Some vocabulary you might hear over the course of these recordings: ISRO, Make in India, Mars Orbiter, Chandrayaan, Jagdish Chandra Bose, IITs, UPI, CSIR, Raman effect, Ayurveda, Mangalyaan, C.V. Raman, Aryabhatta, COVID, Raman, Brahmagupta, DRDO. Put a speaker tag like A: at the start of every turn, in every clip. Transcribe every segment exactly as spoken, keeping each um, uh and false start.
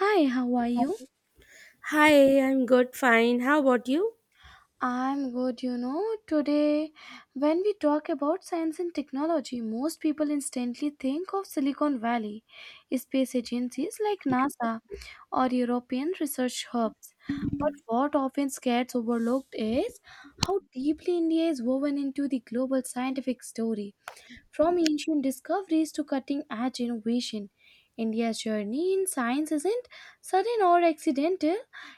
A: Hi, how are you?
B: Hi, I'm good, fine. How about you?
A: I'm good, you know. Today, when we talk about science and technology, most people instantly think of Silicon Valley, space agencies like NASA, or European research hubs. But what often gets overlooked is how deeply India is woven into the global scientific story. From ancient discoveries to cutting edge innovation, India's journey in science isn't sudden or accidental,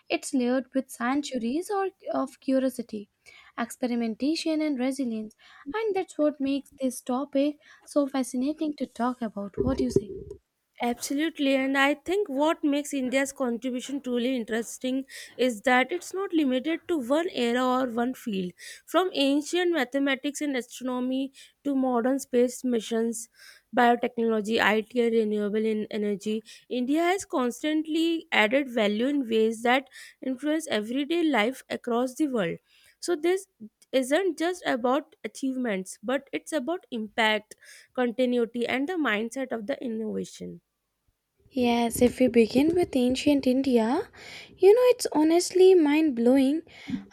A: it's layered with centuries or, of curiosity, experimentation, and resilience. And that's what makes this topic so fascinating to talk about. What do you say?
B: Absolutely, and I think what makes India's contribution truly interesting is that it's not limited to one era or one field. From ancient mathematics and astronomy to modern space missions, biotechnology, I T, and renewable en- energy, India has constantly added value in ways that influence everyday life across the world. So, this isn't just about achievements, but it's about impact, continuity, and the mindset of the innovation.
A: Yes, if we begin with ancient India, you know, it's honestly mind blowing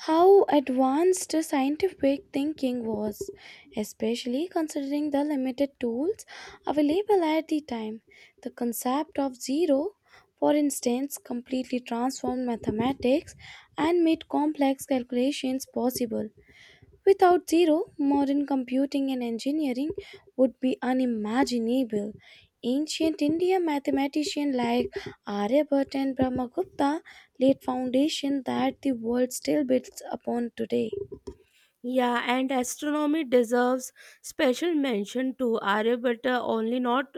A: how advanced the scientific thinking was, especially considering the limited tools available at the time. The concept of zero, for instance, completely transformed mathematics and made complex calculations possible. Without zero, modern computing and engineering would be unimaginable. Ancient India mathematicians like Aryabhatta and Brahmagupta laid foundation that the world still builds upon today.
B: Yeah, and astronomy deserves special mention too. Aryabhatta only not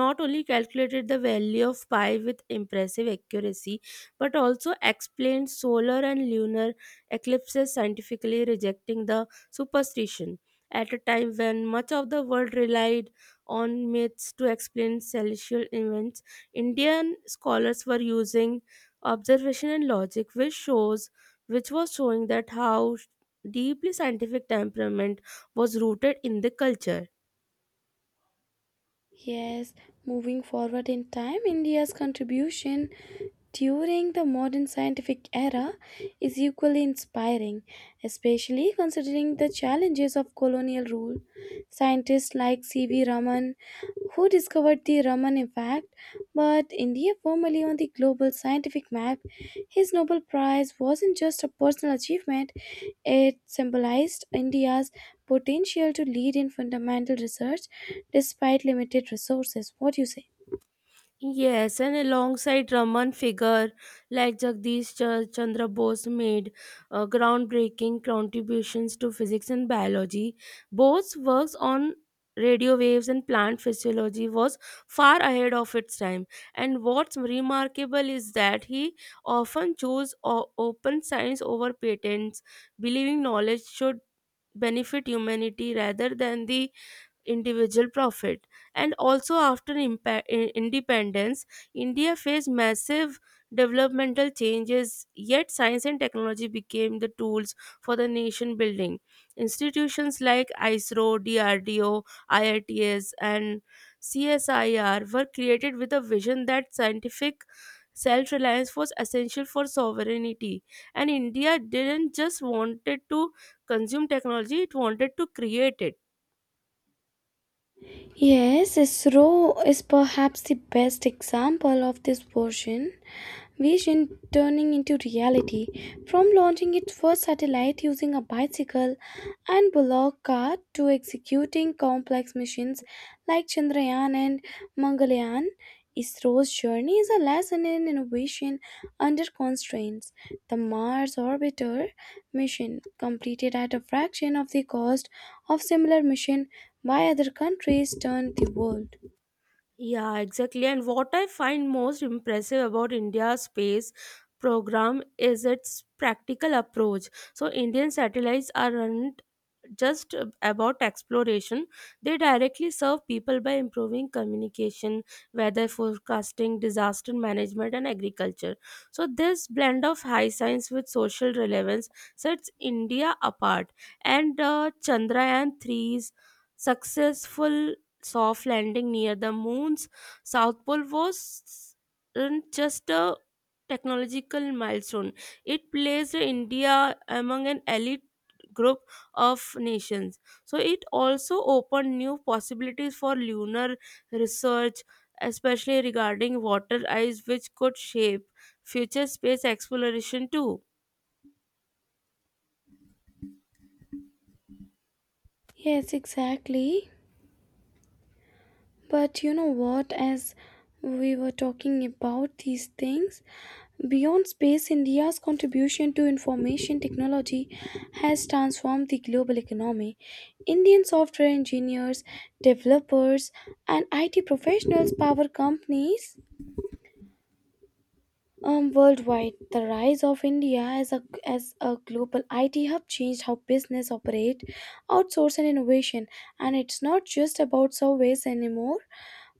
B: not only calculated the value of pi with impressive accuracy, but also explained solar and lunar eclipses scientifically, rejecting the superstition at a time when much of the world relied on myths to explain celestial events. Indian scholars were using observation and logic, which shows which was showing that how deeply scientific temperament was rooted in the culture.
A: Yes, moving forward in time, India's contribution during the modern scientific era is equally inspiring, especially considering the challenges of colonial rule. Scientists like C V. Raman, who discovered the Raman effect, but India formally on the global scientific map, his Nobel Prize wasn't just a personal achievement, it symbolized India's potential to lead in fundamental research despite limited resources. What do you say?
B: Yes, and alongside Raman figure like Jagdish Ch- Chandra Bose made uh, groundbreaking contributions to physics and biology. Bose's works on radio waves and plant physiology was far ahead of its time. And what's remarkable is that he often chose o- open science over patents, believing knowledge should benefit humanity rather than the individual profit. And also, after impa- i- independence, India faced massive developmental changes, yet science and technology became the tools for the nation building. Institutions like ISRO, D R D O, I I Ts, and C S I R were created with a vision that scientific self-reliance was essential for sovereignty, and India didn't just wanted to consume technology, it wanted to create it.
A: Yes, ISRO is perhaps the best example of this version vision turning into reality, from launching its first satellite using a bicycle and bullock cart to executing complex missions like Chandrayaan and Mangalyaan. ISRO's journey is a lesson in innovation under constraints. The Mars Orbiter mission, completed at a fraction of the cost of similar mission by other countries, turned the world.
B: Yeah, exactly. And what I find most impressive about India's space program is its practical approach. So, Indian satellites are aren't just about exploration, they directly serve people by improving communication, weather forecasting, disaster management, and agriculture. So, this blend of high science with social relevance sets India apart. And uh, Chandrayaan three's successful soft landing near the moon's south pole wasn't just a technological milestone, it placed India among an elite group of nations. So, it also opened new possibilities for lunar research, especially regarding water ice, which could shape future space exploration too.
A: Yes, exactly. But you know what, as we were talking about these things, beyond space, India's contribution to information technology has transformed the global economy. Indian software engineers, developers, and I T professionals power companies um, worldwide. The rise of India as a, as a global I T hub changed how business operate, outsource, and innovation. And it's not just about surveys anymore,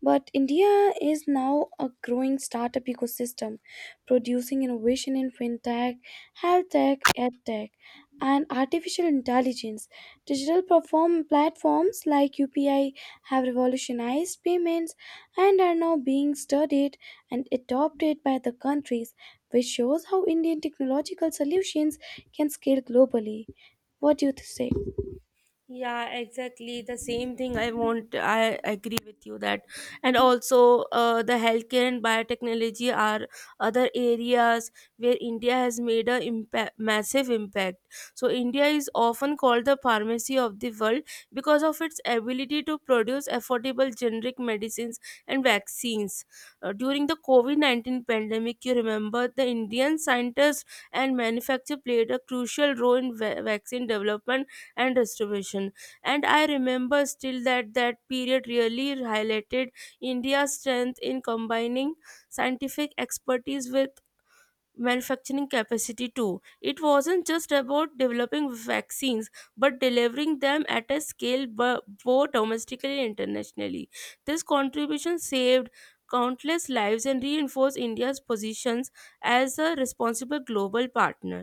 A: but India is now a growing startup ecosystem, producing innovation in fintech, health tech, ed tech, and artificial intelligence. Digital perform platforms like U P I have revolutionized payments and are now being studied and adopted by the countries, which shows how Indian technological solutions can scale globally. What do you say?
B: Yeah, exactly. The same thing I want, I agree with you that. And also, uh, the healthcare and biotechnology are other areas where India has made a impact, massive impact. So, India is often called the pharmacy of the world because of its ability to produce affordable generic medicines and vaccines. Uh, during the COVID nineteen pandemic, you remember the Indian scientists and manufacturers played a crucial role in va- vaccine development and restoration. And I remember still that that period really highlighted India's strength in combining scientific expertise with manufacturing capacity too. It wasn't just about developing vaccines, but delivering them at a scale, bu- both domestically and internationally. This contribution saved countless lives and reinforced India's positions as a responsible global partner.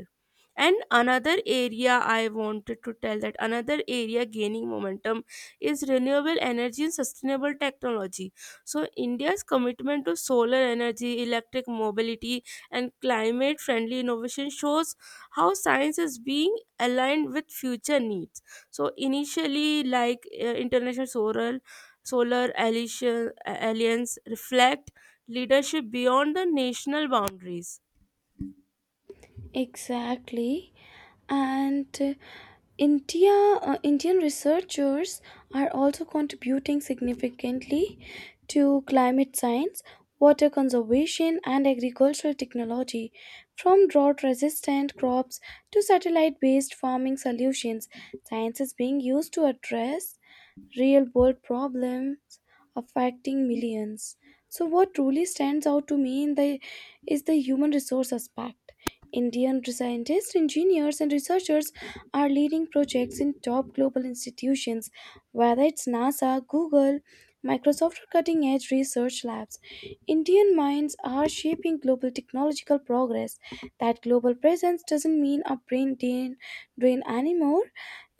B: And another area I wanted to tell that another area gaining momentum is renewable energy and sustainable technology. So India's commitment to solar energy, electric mobility, and climate friendly innovation shows how science is being aligned with future needs. So initially like uh, International solar solar alliance alliance reflect leadership beyond the national boundaries.
A: Exactly. And uh, India, uh, Indian researchers are also contributing significantly to climate science, water conservation, and agricultural technology, from drought resistant crops to satellite based farming solutions. Science is being used to address real world problems affecting millions. So, what truly stands out to me in the, is the human resource aspect. Indian scientists, engineers, and researchers are leading projects in top global institutions, whether it's NASA, Google, Microsoft, or cutting edge research labs. Indian minds are shaping global technological progress. That global presence doesn't mean a brain drain, drain anymore,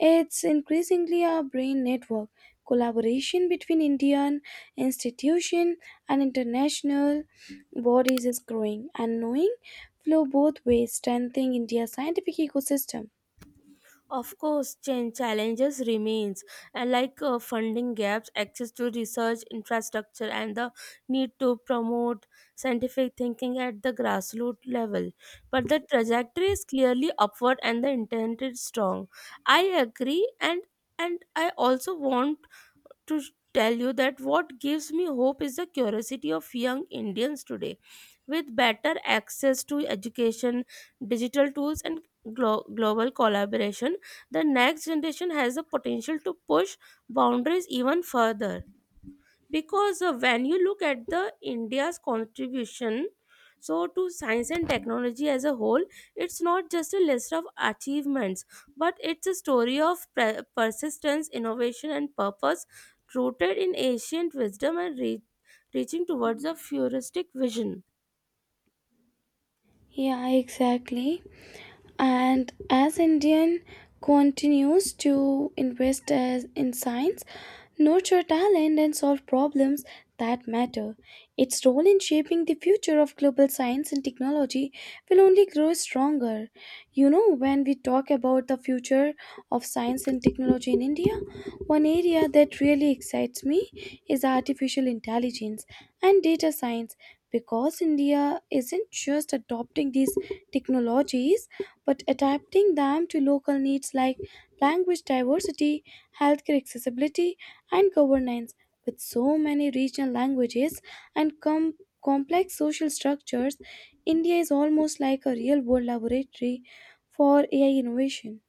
A: it's increasingly a brain network. Collaboration between Indian institution and international bodies is growing, and knowing flow both ways, strengthening India's scientific ecosystem.
B: Of course, change challenges remains, and like uh, funding gaps, access to research infrastructure, and the need to promote scientific thinking at the grassroots level. But the trajectory is clearly upward, and the intent is strong. I agree, and and I also want to tell you that what gives me hope is the curiosity of young Indians today. With better access to education, digital tools, and glo- global collaboration, the next generation has the potential to push boundaries even further, because uh, when you look at the India's contribution so to science and technology as a whole, it's not just a list of achievements, but it's a story of pre- persistence, innovation, and purpose, rooted in ancient wisdom and re- reaching towards a futuristic vision.
A: Yeah, exactly. And as Indian continues to invest as in science, nurture talent, and solve problems that matter, its role in shaping the future of global science and technology will only grow stronger. You know, when we talk about the future of science and technology in India, one area that really excites me is artificial intelligence and data science, because India isn't just adopting these technologies but adapting them to local needs, like language diversity, healthcare accessibility, and governance. With so many regional languages and com- complex social structures, India is almost like a real world laboratory for A I innovation.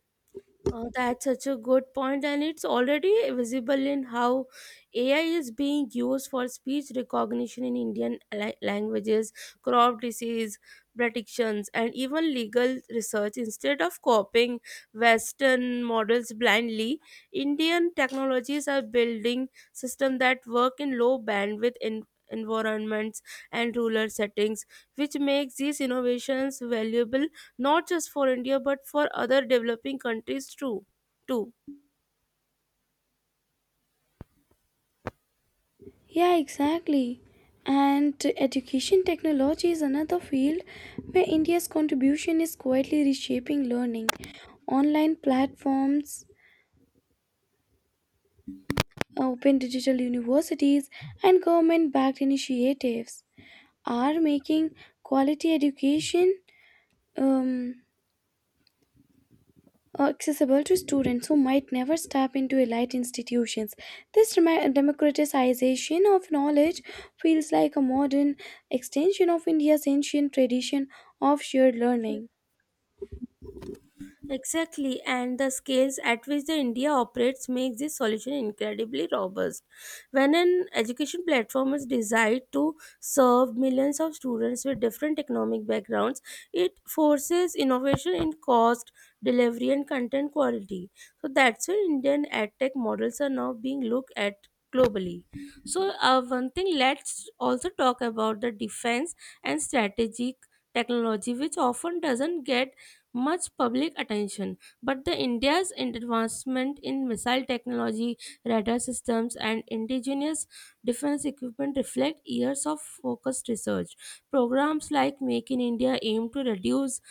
B: Uh, that's such a good point, and it's already visible in how A I is being used for speech recognition in Indian la- languages, crop disease predictions, and even legal research. Instead of copying Western models blindly, Indian technologies are building systems that work in low bandwidth en- environments and rural settings, which makes these innovations valuable not just for India but for other developing countries too. too.
A: Yeah, exactly. And education technology is another field where India's contribution is quietly reshaping learning. Online platforms, open digital universities, and government backed initiatives are making quality education um, accessible to students who might never step into elite institutions. This dema- democratization of knowledge feels like a modern extension of India's ancient tradition of shared learning.
B: Exactly, and the scales at which the India operates makes this solution incredibly robust. When an education platform is designed to serve millions of students with different economic backgrounds, it forces innovation in cost, delivery, and content quality. So that's why Indian edtech models are now being looked at globally. So uh, one thing, let's also talk about the defense and strategic technology, which often doesn't get much public attention. But the India's advancement in missile technology, radar systems, and indigenous defense equipment reflect years of focused research. Programs like Make in India aim to reduce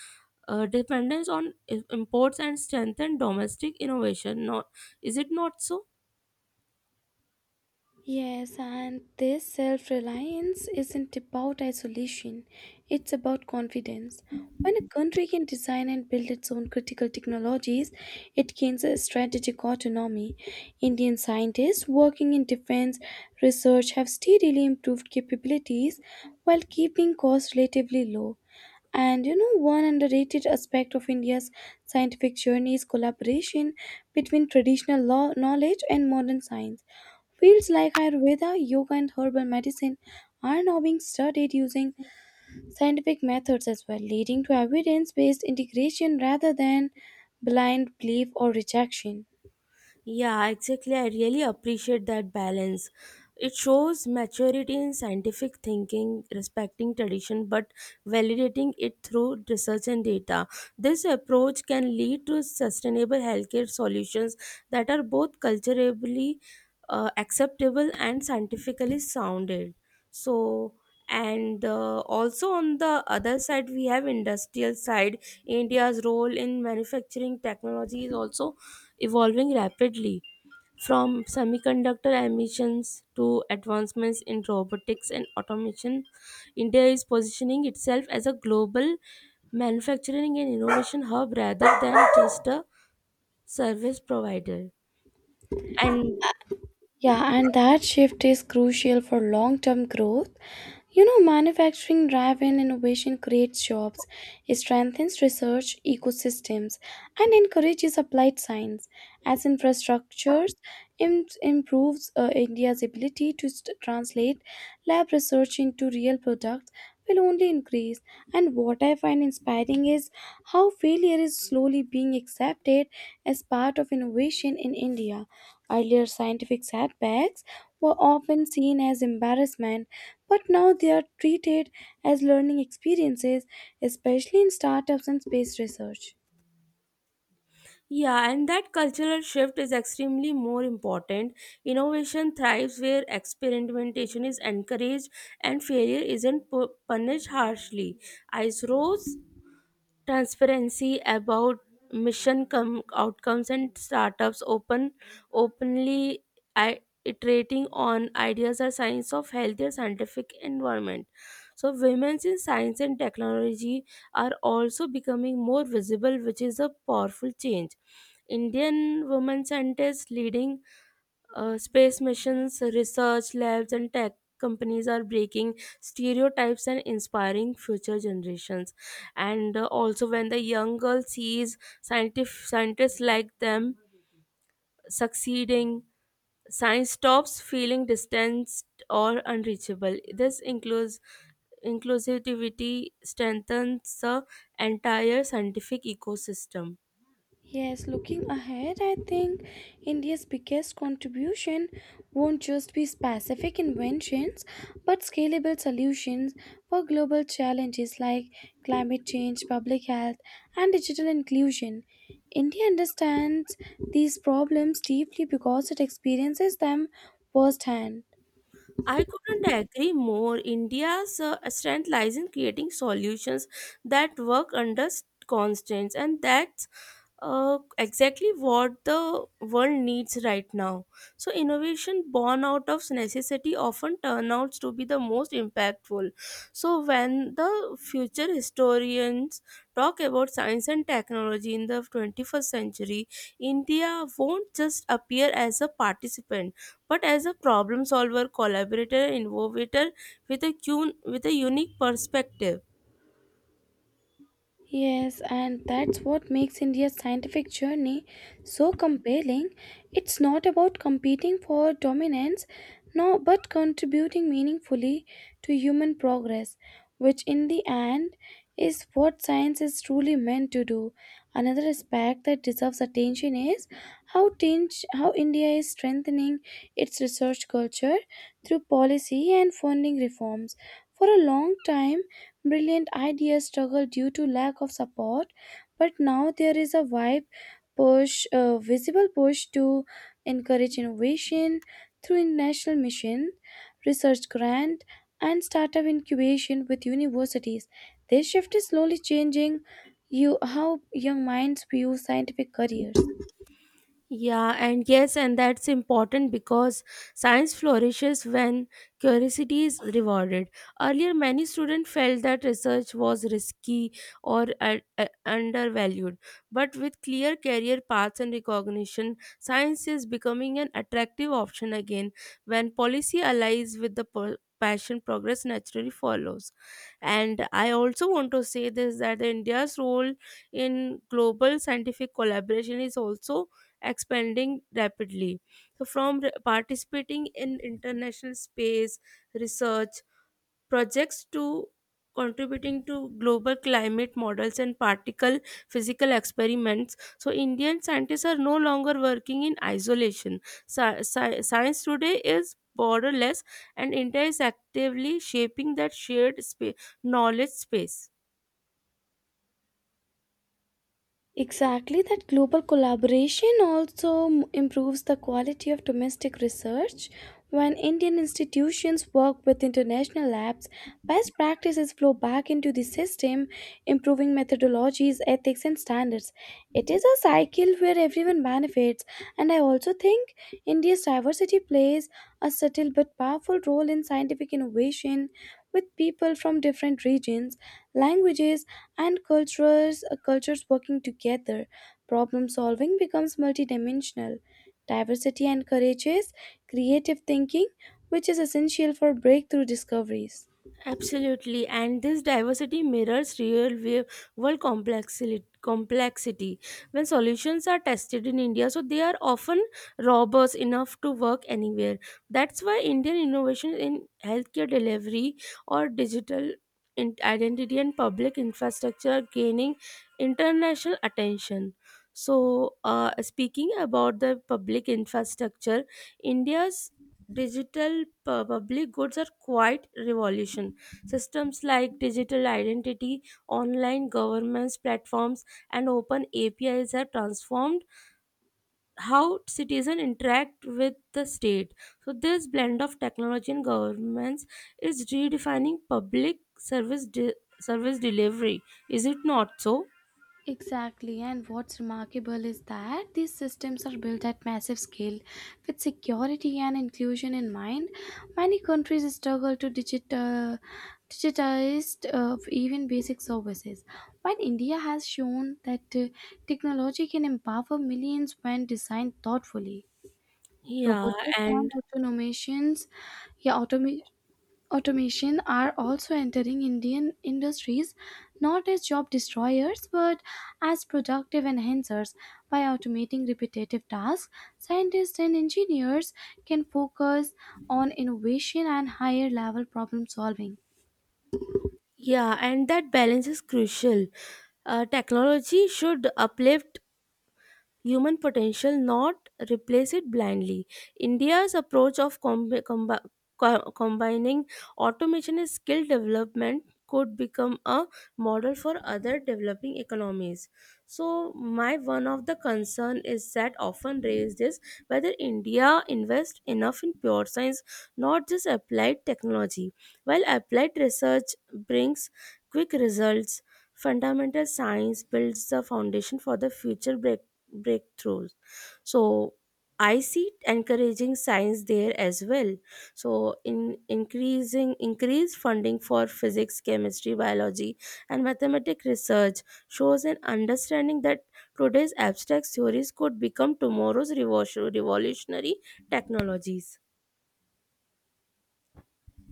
B: uh, dependence on i- imports and strengthen domestic innovation. Not, is it not so?
A: Yes, and this self reliance isn't about isolation, it's about confidence. When a country can design and build its own critical technologies, it gains a strategic autonomy. Indian scientists working in defense research have steadily improved capabilities while keeping costs relatively low. And you know, one underrated aspect of India's scientific journey is collaboration between traditional law knowledge and modern science. Fields like Ayurveda, yoga, and herbal medicine are now being studied using scientific methods as well, leading to evidence based integration rather than blind belief or rejection.
B: Yeah, exactly. I really appreciate that balance. It shows maturity in scientific thinking, respecting tradition, but validating it through research and data. This approach can lead to sustainable healthcare solutions that are both culturally uh, acceptable and scientifically sounded. So, and uh, also on the other side, we have industrial side. India's role in manufacturing technology is also evolving rapidly, from semiconductor emissions to advancements in robotics and automation. India is positioning itself as a global manufacturing and innovation hub rather than just a service provider. And
A: Yeah, and that shift is crucial for long term growth. You know, manufacturing driven innovation creates jobs, it strengthens research ecosystems, and encourages applied science. As infrastructures, im- improves uh, India's ability to st- translate lab research into real products will only increase. And what I find inspiring is how failure is slowly being accepted as part of innovation in India. Earlier, scientific setbacks were often seen as embarrassment, but now they are treated as learning experiences, especially in startups and space research.
B: yeah, and that cultural shift is extremely more important. Innovation thrives where experimentation is encouraged and failure isn't pu- punished harshly. Ice Rose transparency about mission com- outcomes and startups open openly i- iterating on ideas are signs of healthier scientific environment. So women in science and technology are also becoming more visible, which is a powerful change. Indian women scientists leading uh, space missions, research labs, and tech companies are breaking stereotypes and inspiring future generations. And uh, also, when the young girl sees scientific scientists like them succeeding, science stops feeling distanced or unreachable. This includes inclusivity strengthens the entire scientific ecosystem.
A: Yes, looking ahead, I think India's biggest contribution won't just be specific inventions but scalable solutions for global challenges like climate change, public health, and digital inclusion. India understands these problems deeply because it experiences them firsthand.
B: I couldn't agree more. India's uh, strength lies in creating solutions that work under s- constraints, and that's uh, exactly what the world needs right now. So innovation born out of necessity often turn out to be the most impactful. So when the future historians talk about science and technology in the twenty-first century, India won't just appear as a participant, but as a problem solver, collaborator, innovator with a, cun- with a unique perspective.
A: Yes, and that's what makes India's scientific journey so compelling. It's not about competing for dominance, no, but contributing meaningfully to human progress, which in the end is what science is truly meant to do. Another aspect that deserves attention is how, tinge, how India is strengthening its research culture through policy and funding reforms. For a long time, brilliant ideas struggle due to lack of support, but now there is a vibe push, a visible push to encourage innovation through national mission, research grant, and startup incubation with universities. This shift is slowly changing you how young minds view scientific careers.
B: Yeah, and yes, and that's important because science flourishes when curiosity is rewarded. Earlier, many students felt that research was risky or uh, uh, undervalued. But with clear career paths and recognition, science is becoming an attractive option again. When policy aligns with the per- passion, progress naturally follows. And I also want to say this that India's role in global scientific collaboration is also expanding rapidly. So, from re- participating in international space research projects to contributing to global climate models and particle physical experiments, so Indian scientists are no longer working in isolation. Sci- sci- science today is borderless, and India is actively shaping that shared spa- knowledge space.
A: Exactly, that global collaboration also m- improves the quality of domestic research. When Indian institutions work with international labs, best practices flow back into the system, improving methodologies, ethics, and standards. It is a cycle where everyone benefits, and I also think India's diversity plays a subtle but powerful role in scientific innovation, with people from different regions, languages, and cultures uh, cultures working together. Problem solving becomes multidimensional. Diversity encourages creative thinking, which is essential for breakthrough discoveries.
B: Absolutely, and this diversity mirrors real wa- world complexity. Complexity when solutions are tested in India, so they are often robust enough to work anywhere. That's why Indian innovation in healthcare delivery or digital in- identity and public infrastructure are gaining international attention. So, uh, speaking about the public infrastructure, India's digital pu- public goods are quite revolutionary. Systems like digital identity, online governance platforms, and open A P Is have transformed how citizens interact with the state. So, this blend of technology and governance is redefining public service de- service delivery. Is it not so?
A: Exactly, and what's remarkable is that these systems are built at massive scale with security and inclusion in mind. Many countries struggle to digit, uh, digitize uh, even basic services, while India has shown that uh, technology can empower millions when designed thoughtfully.
B: Yeah,
A: Robotics and
B: and
A: automations, yeah, automa- automation are also entering Indian industries not as job destroyers but as productive enhancers. By automating repetitive tasks, scientists and engineers can focus on innovation and higher level problem solving.
B: yeah, and that balance is crucial. Uh, technology should uplift human potential, not replace it blindly. India's approach of combi- combi- co- combining automation and skill development could become a model for other developing economies. So, my one of the concern is that often raised is whether India invests enough in pure science, not just applied technology. While applied research brings quick results, fundamental science builds the foundation for the future break, breakthroughs. So I see encouraging science there as well. So in increasing increased funding for physics, chemistry, biology, and mathematics research shows an understanding that today's abstract theories could become tomorrow's revo- revolutionary technologies.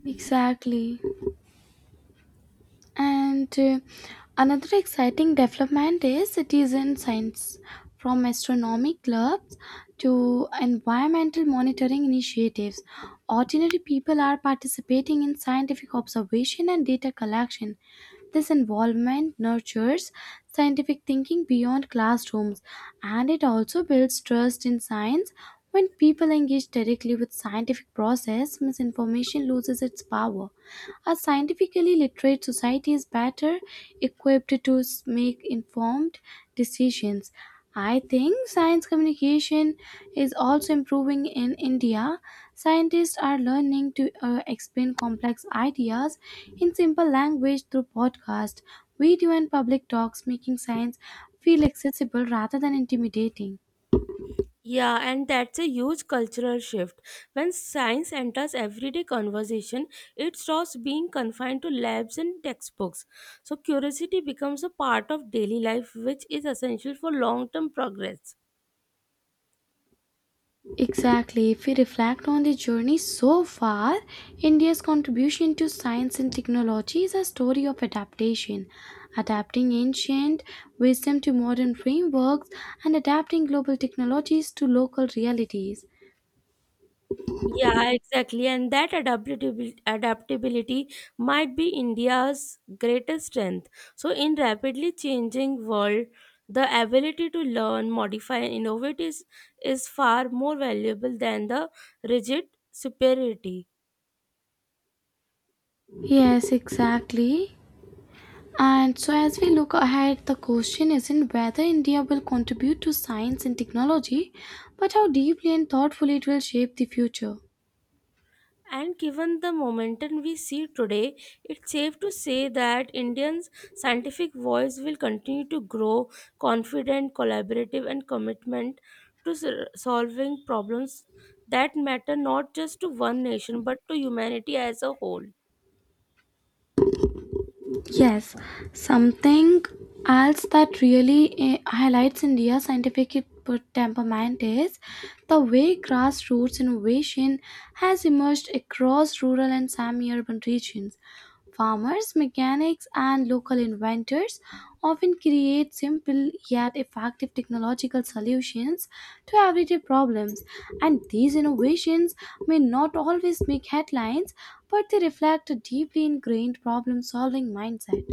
A: Exactly. And uh, another exciting development is citizen science, from astronomy clubs to environmental monitoring initiatives. Ordinary people are participating in scientific observation and data collection. This involvement nurtures scientific thinking beyond classrooms, and it also builds trust in science. When people engage directly with scientific process, misinformation loses its power. A scientifically literate society is better equipped to s- make informed decisions. I think science communication is also improving in India. Scientists are learning to uh, explain complex ideas in simple language through podcast, video, and public talks, making science feel accessible rather than intimidating.
B: Yeah, and that's a huge cultural shift. When science enters everyday conversation, it stops being confined to labs and textbooks. So, curiosity becomes a part of daily life, which is essential for long term progress.
A: Exactly. If we reflect on the journey so far, India's contribution to science and technology is a story of adaptation, adapting ancient wisdom to modern frameworks and adapting global technologies to local realities.
B: Yeah, exactly. And that adaptability, adaptability might be India's greatest strength. So, in rapidly changing world, the ability to learn, modify, and innovate is, is far more valuable than the rigid superiority.
A: Yes, exactly. And so, as we look ahead, the question isn't whether India will contribute to science and technology, but how deeply and thoughtfully it will shape the future.
B: And given the momentum we see today, it's safe to say that Indians' scientific voice will continue to grow confident, collaborative, and commitment to sol- solving problems that matter not just to one nation but to humanity as a whole.
A: Yes, something else that really eh, highlights India's scientific per- temperament is the way grassroots innovation has emerged across rural and semi urban regions. Farmers, mechanics, and local inventors often create simple yet effective technological solutions to everyday problems, and these innovations may not always make headlines, but they reflect a deeply ingrained problem solving mindset.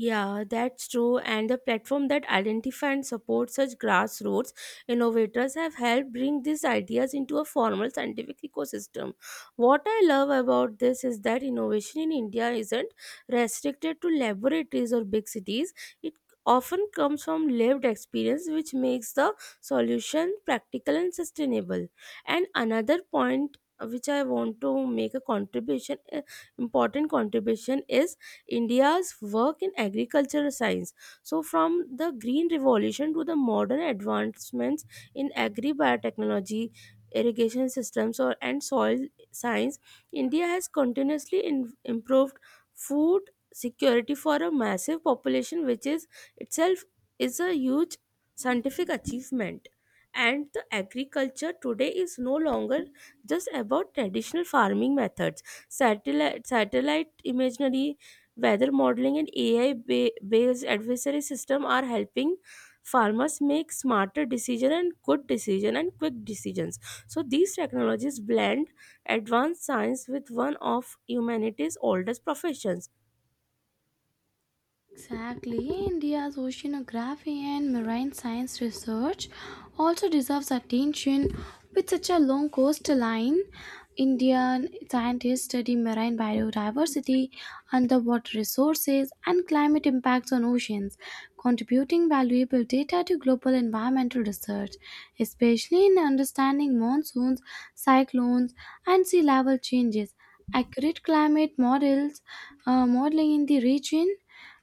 B: Yeah, that's true. And the platform that identify and support such grassroots innovators have helped bring these ideas into a formal scientific ecosystem. What I love about this is that innovation in India isn't restricted to laboratories or big cities. It often comes from lived experience, which makes the solution practical and sustainable. And another point uh, which I want to make a contribution, uh, important contribution is India's work in agricultural science. So, from the Green Revolution to the modern advancements in agri biotechnology, irrigation systems, or, and soil science, India has continuously in, improved food security for a massive population, which is itself is a huge scientific achievement. And the agriculture today is no longer just about traditional farming methods. Satellite satellite imagery, weather modeling, and AI ba- based advisory system are helping farmers make smarter decision and good decision and quick decisions. So these technologies blend advanced science with one of humanity's oldest professions.
A: Exactly, India's oceanography and marine science research also deserves attention. With such a long coastline, Indian scientists study marine biodiversity, underwater resources, and climate impacts on oceans, contributing valuable data to global environmental research, especially in understanding monsoons, cyclones, and sea level changes. Accurate climate models, uh, modeling in the region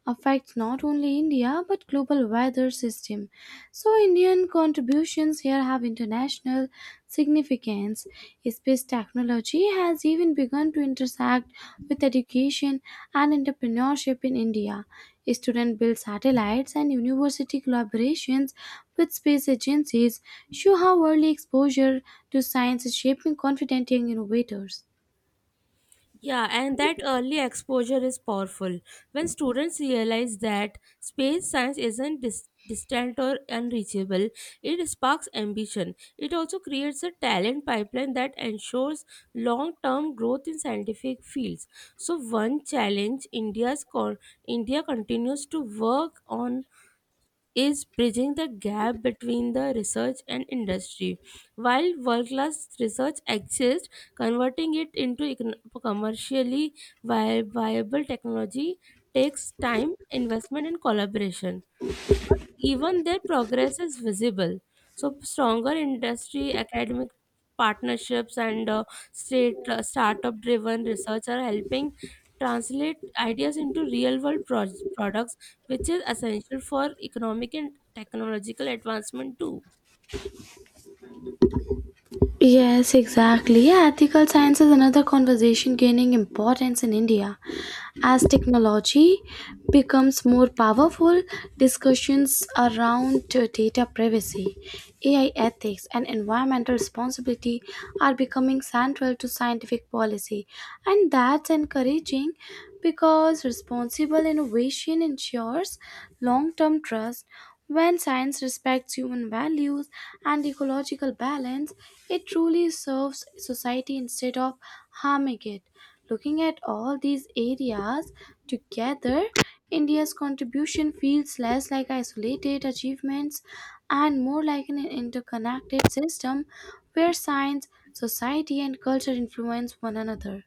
A: affects not only India but global weather system. So Indian contributions here have international significance. Space technology has even begun to intersect with education and entrepreneurship in India. Student built satellites and university collaborations with space agencies show how early exposure to science is shaping confident young innovators.
B: Yeah, and that early exposure is powerful. When students realize that space science isn't dis- distant or unreachable, it sparks ambition. It also creates a talent pipeline that ensures long-term growth in scientific fields. So one challenge India's con- India continues to work on is bridging the gap between the research and industry. While world class research exists, converting it into econ- commercially vi- viable technology takes time, investment, and collaboration, even their progress is visible. So stronger industry, academic partnerships, and uh, state uh, startup-driven research are helping translate ideas into real-world pro- products, which is essential for economic and technological advancement too.
A: Yes, exactly. Yeah, ethical science is another conversation gaining importance in India. As technology becomes more powerful, discussions around uh, data privacy, A I ethics, and environmental responsibility are becoming central to scientific policy. And that's encouraging, because responsible innovation ensures long term trust. When science respects human values and ecological balance, it truly serves society instead of harming it. Looking at all these areas together, India's contribution feels less like isolated achievements and more like an interconnected system where science, society, and culture influence one another.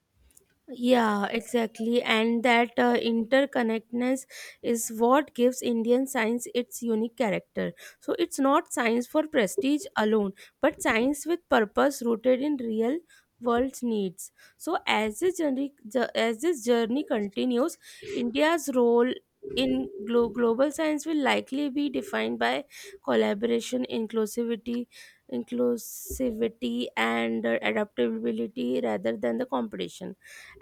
B: Yeah, exactly. And that uh, interconnectedness is what gives Indian science its unique character. So it's not science for prestige alone, but science with purpose rooted in real world needs. So as this journey, ju- as this journey continues, India's role in glo- global science will likely be defined by collaboration, inclusivity, inclusivity, and uh, adaptability rather than the competition.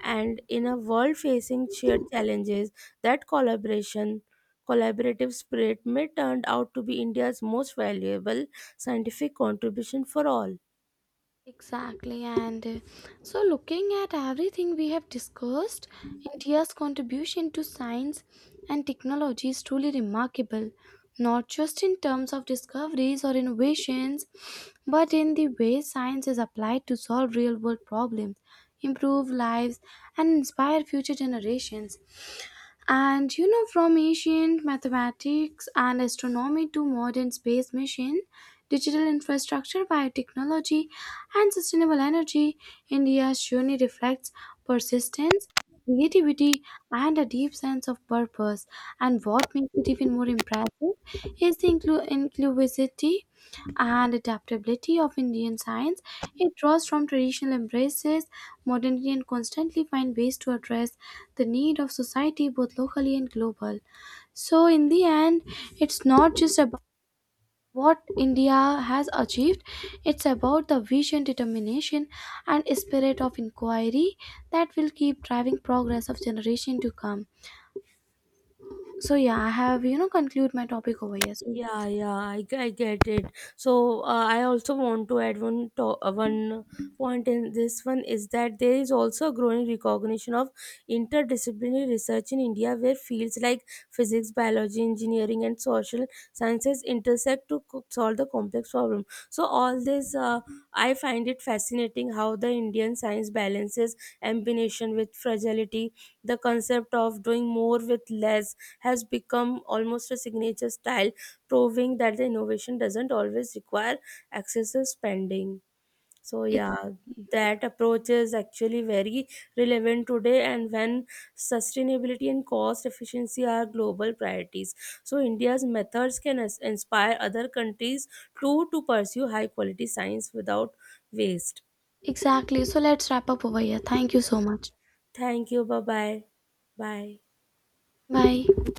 B: And in a world facing shared challenges, that collaboration collaborative spirit may turn out to be India's most valuable scientific contribution for all.
A: Exactly, and uh, so looking at everything we have discussed, India's contribution to science and technology is truly remarkable, not just in terms of discoveries or innovations, but in the way science is applied to solve real world problems, improve lives, and inspire future generations. And you know, from ancient mathematics and astronomy to modern space mission, digital infrastructure, biotechnology, and sustainable energy, India surely reflects persistence, creativity, and a deep sense of purpose. And what makes it even more impressive is the inclu- inclusivity and adaptability of Indian science. It draws from traditional embraces, modernity, and constantly find ways to address the need of society both locally and global. So in the end, it's not just about what India has achieved, it's about the vision, determination, and spirit of inquiry that will keep driving progress of generation to come. So yeah, I have you know conclude my topic over here. So
B: Yeah, yeah, I, g- I get it. So uh, I also want to add one to- uh, one point in this one is that there is also a growing recognition of interdisciplinary research in India, where fields like physics, biology, engineering, and social sciences intersect to co- solve the complex problem. So all this, uh, I find it fascinating how the Indian science balances ambition with fragility. The concept of doing more with less has become almost a signature style, proving that the innovation doesn't always require excessive spending. So
A: ex-
B: yeah, that approach is actually very relevant today and when sustainability and cost efficiency are global priorities. So India's methods can ins- inspire other countries too to pursue high quality science without waste.
A: exactly. So let's wrap up over here. Thank you so much.
B: Thank you. Bye bye. Bye.
A: 拜。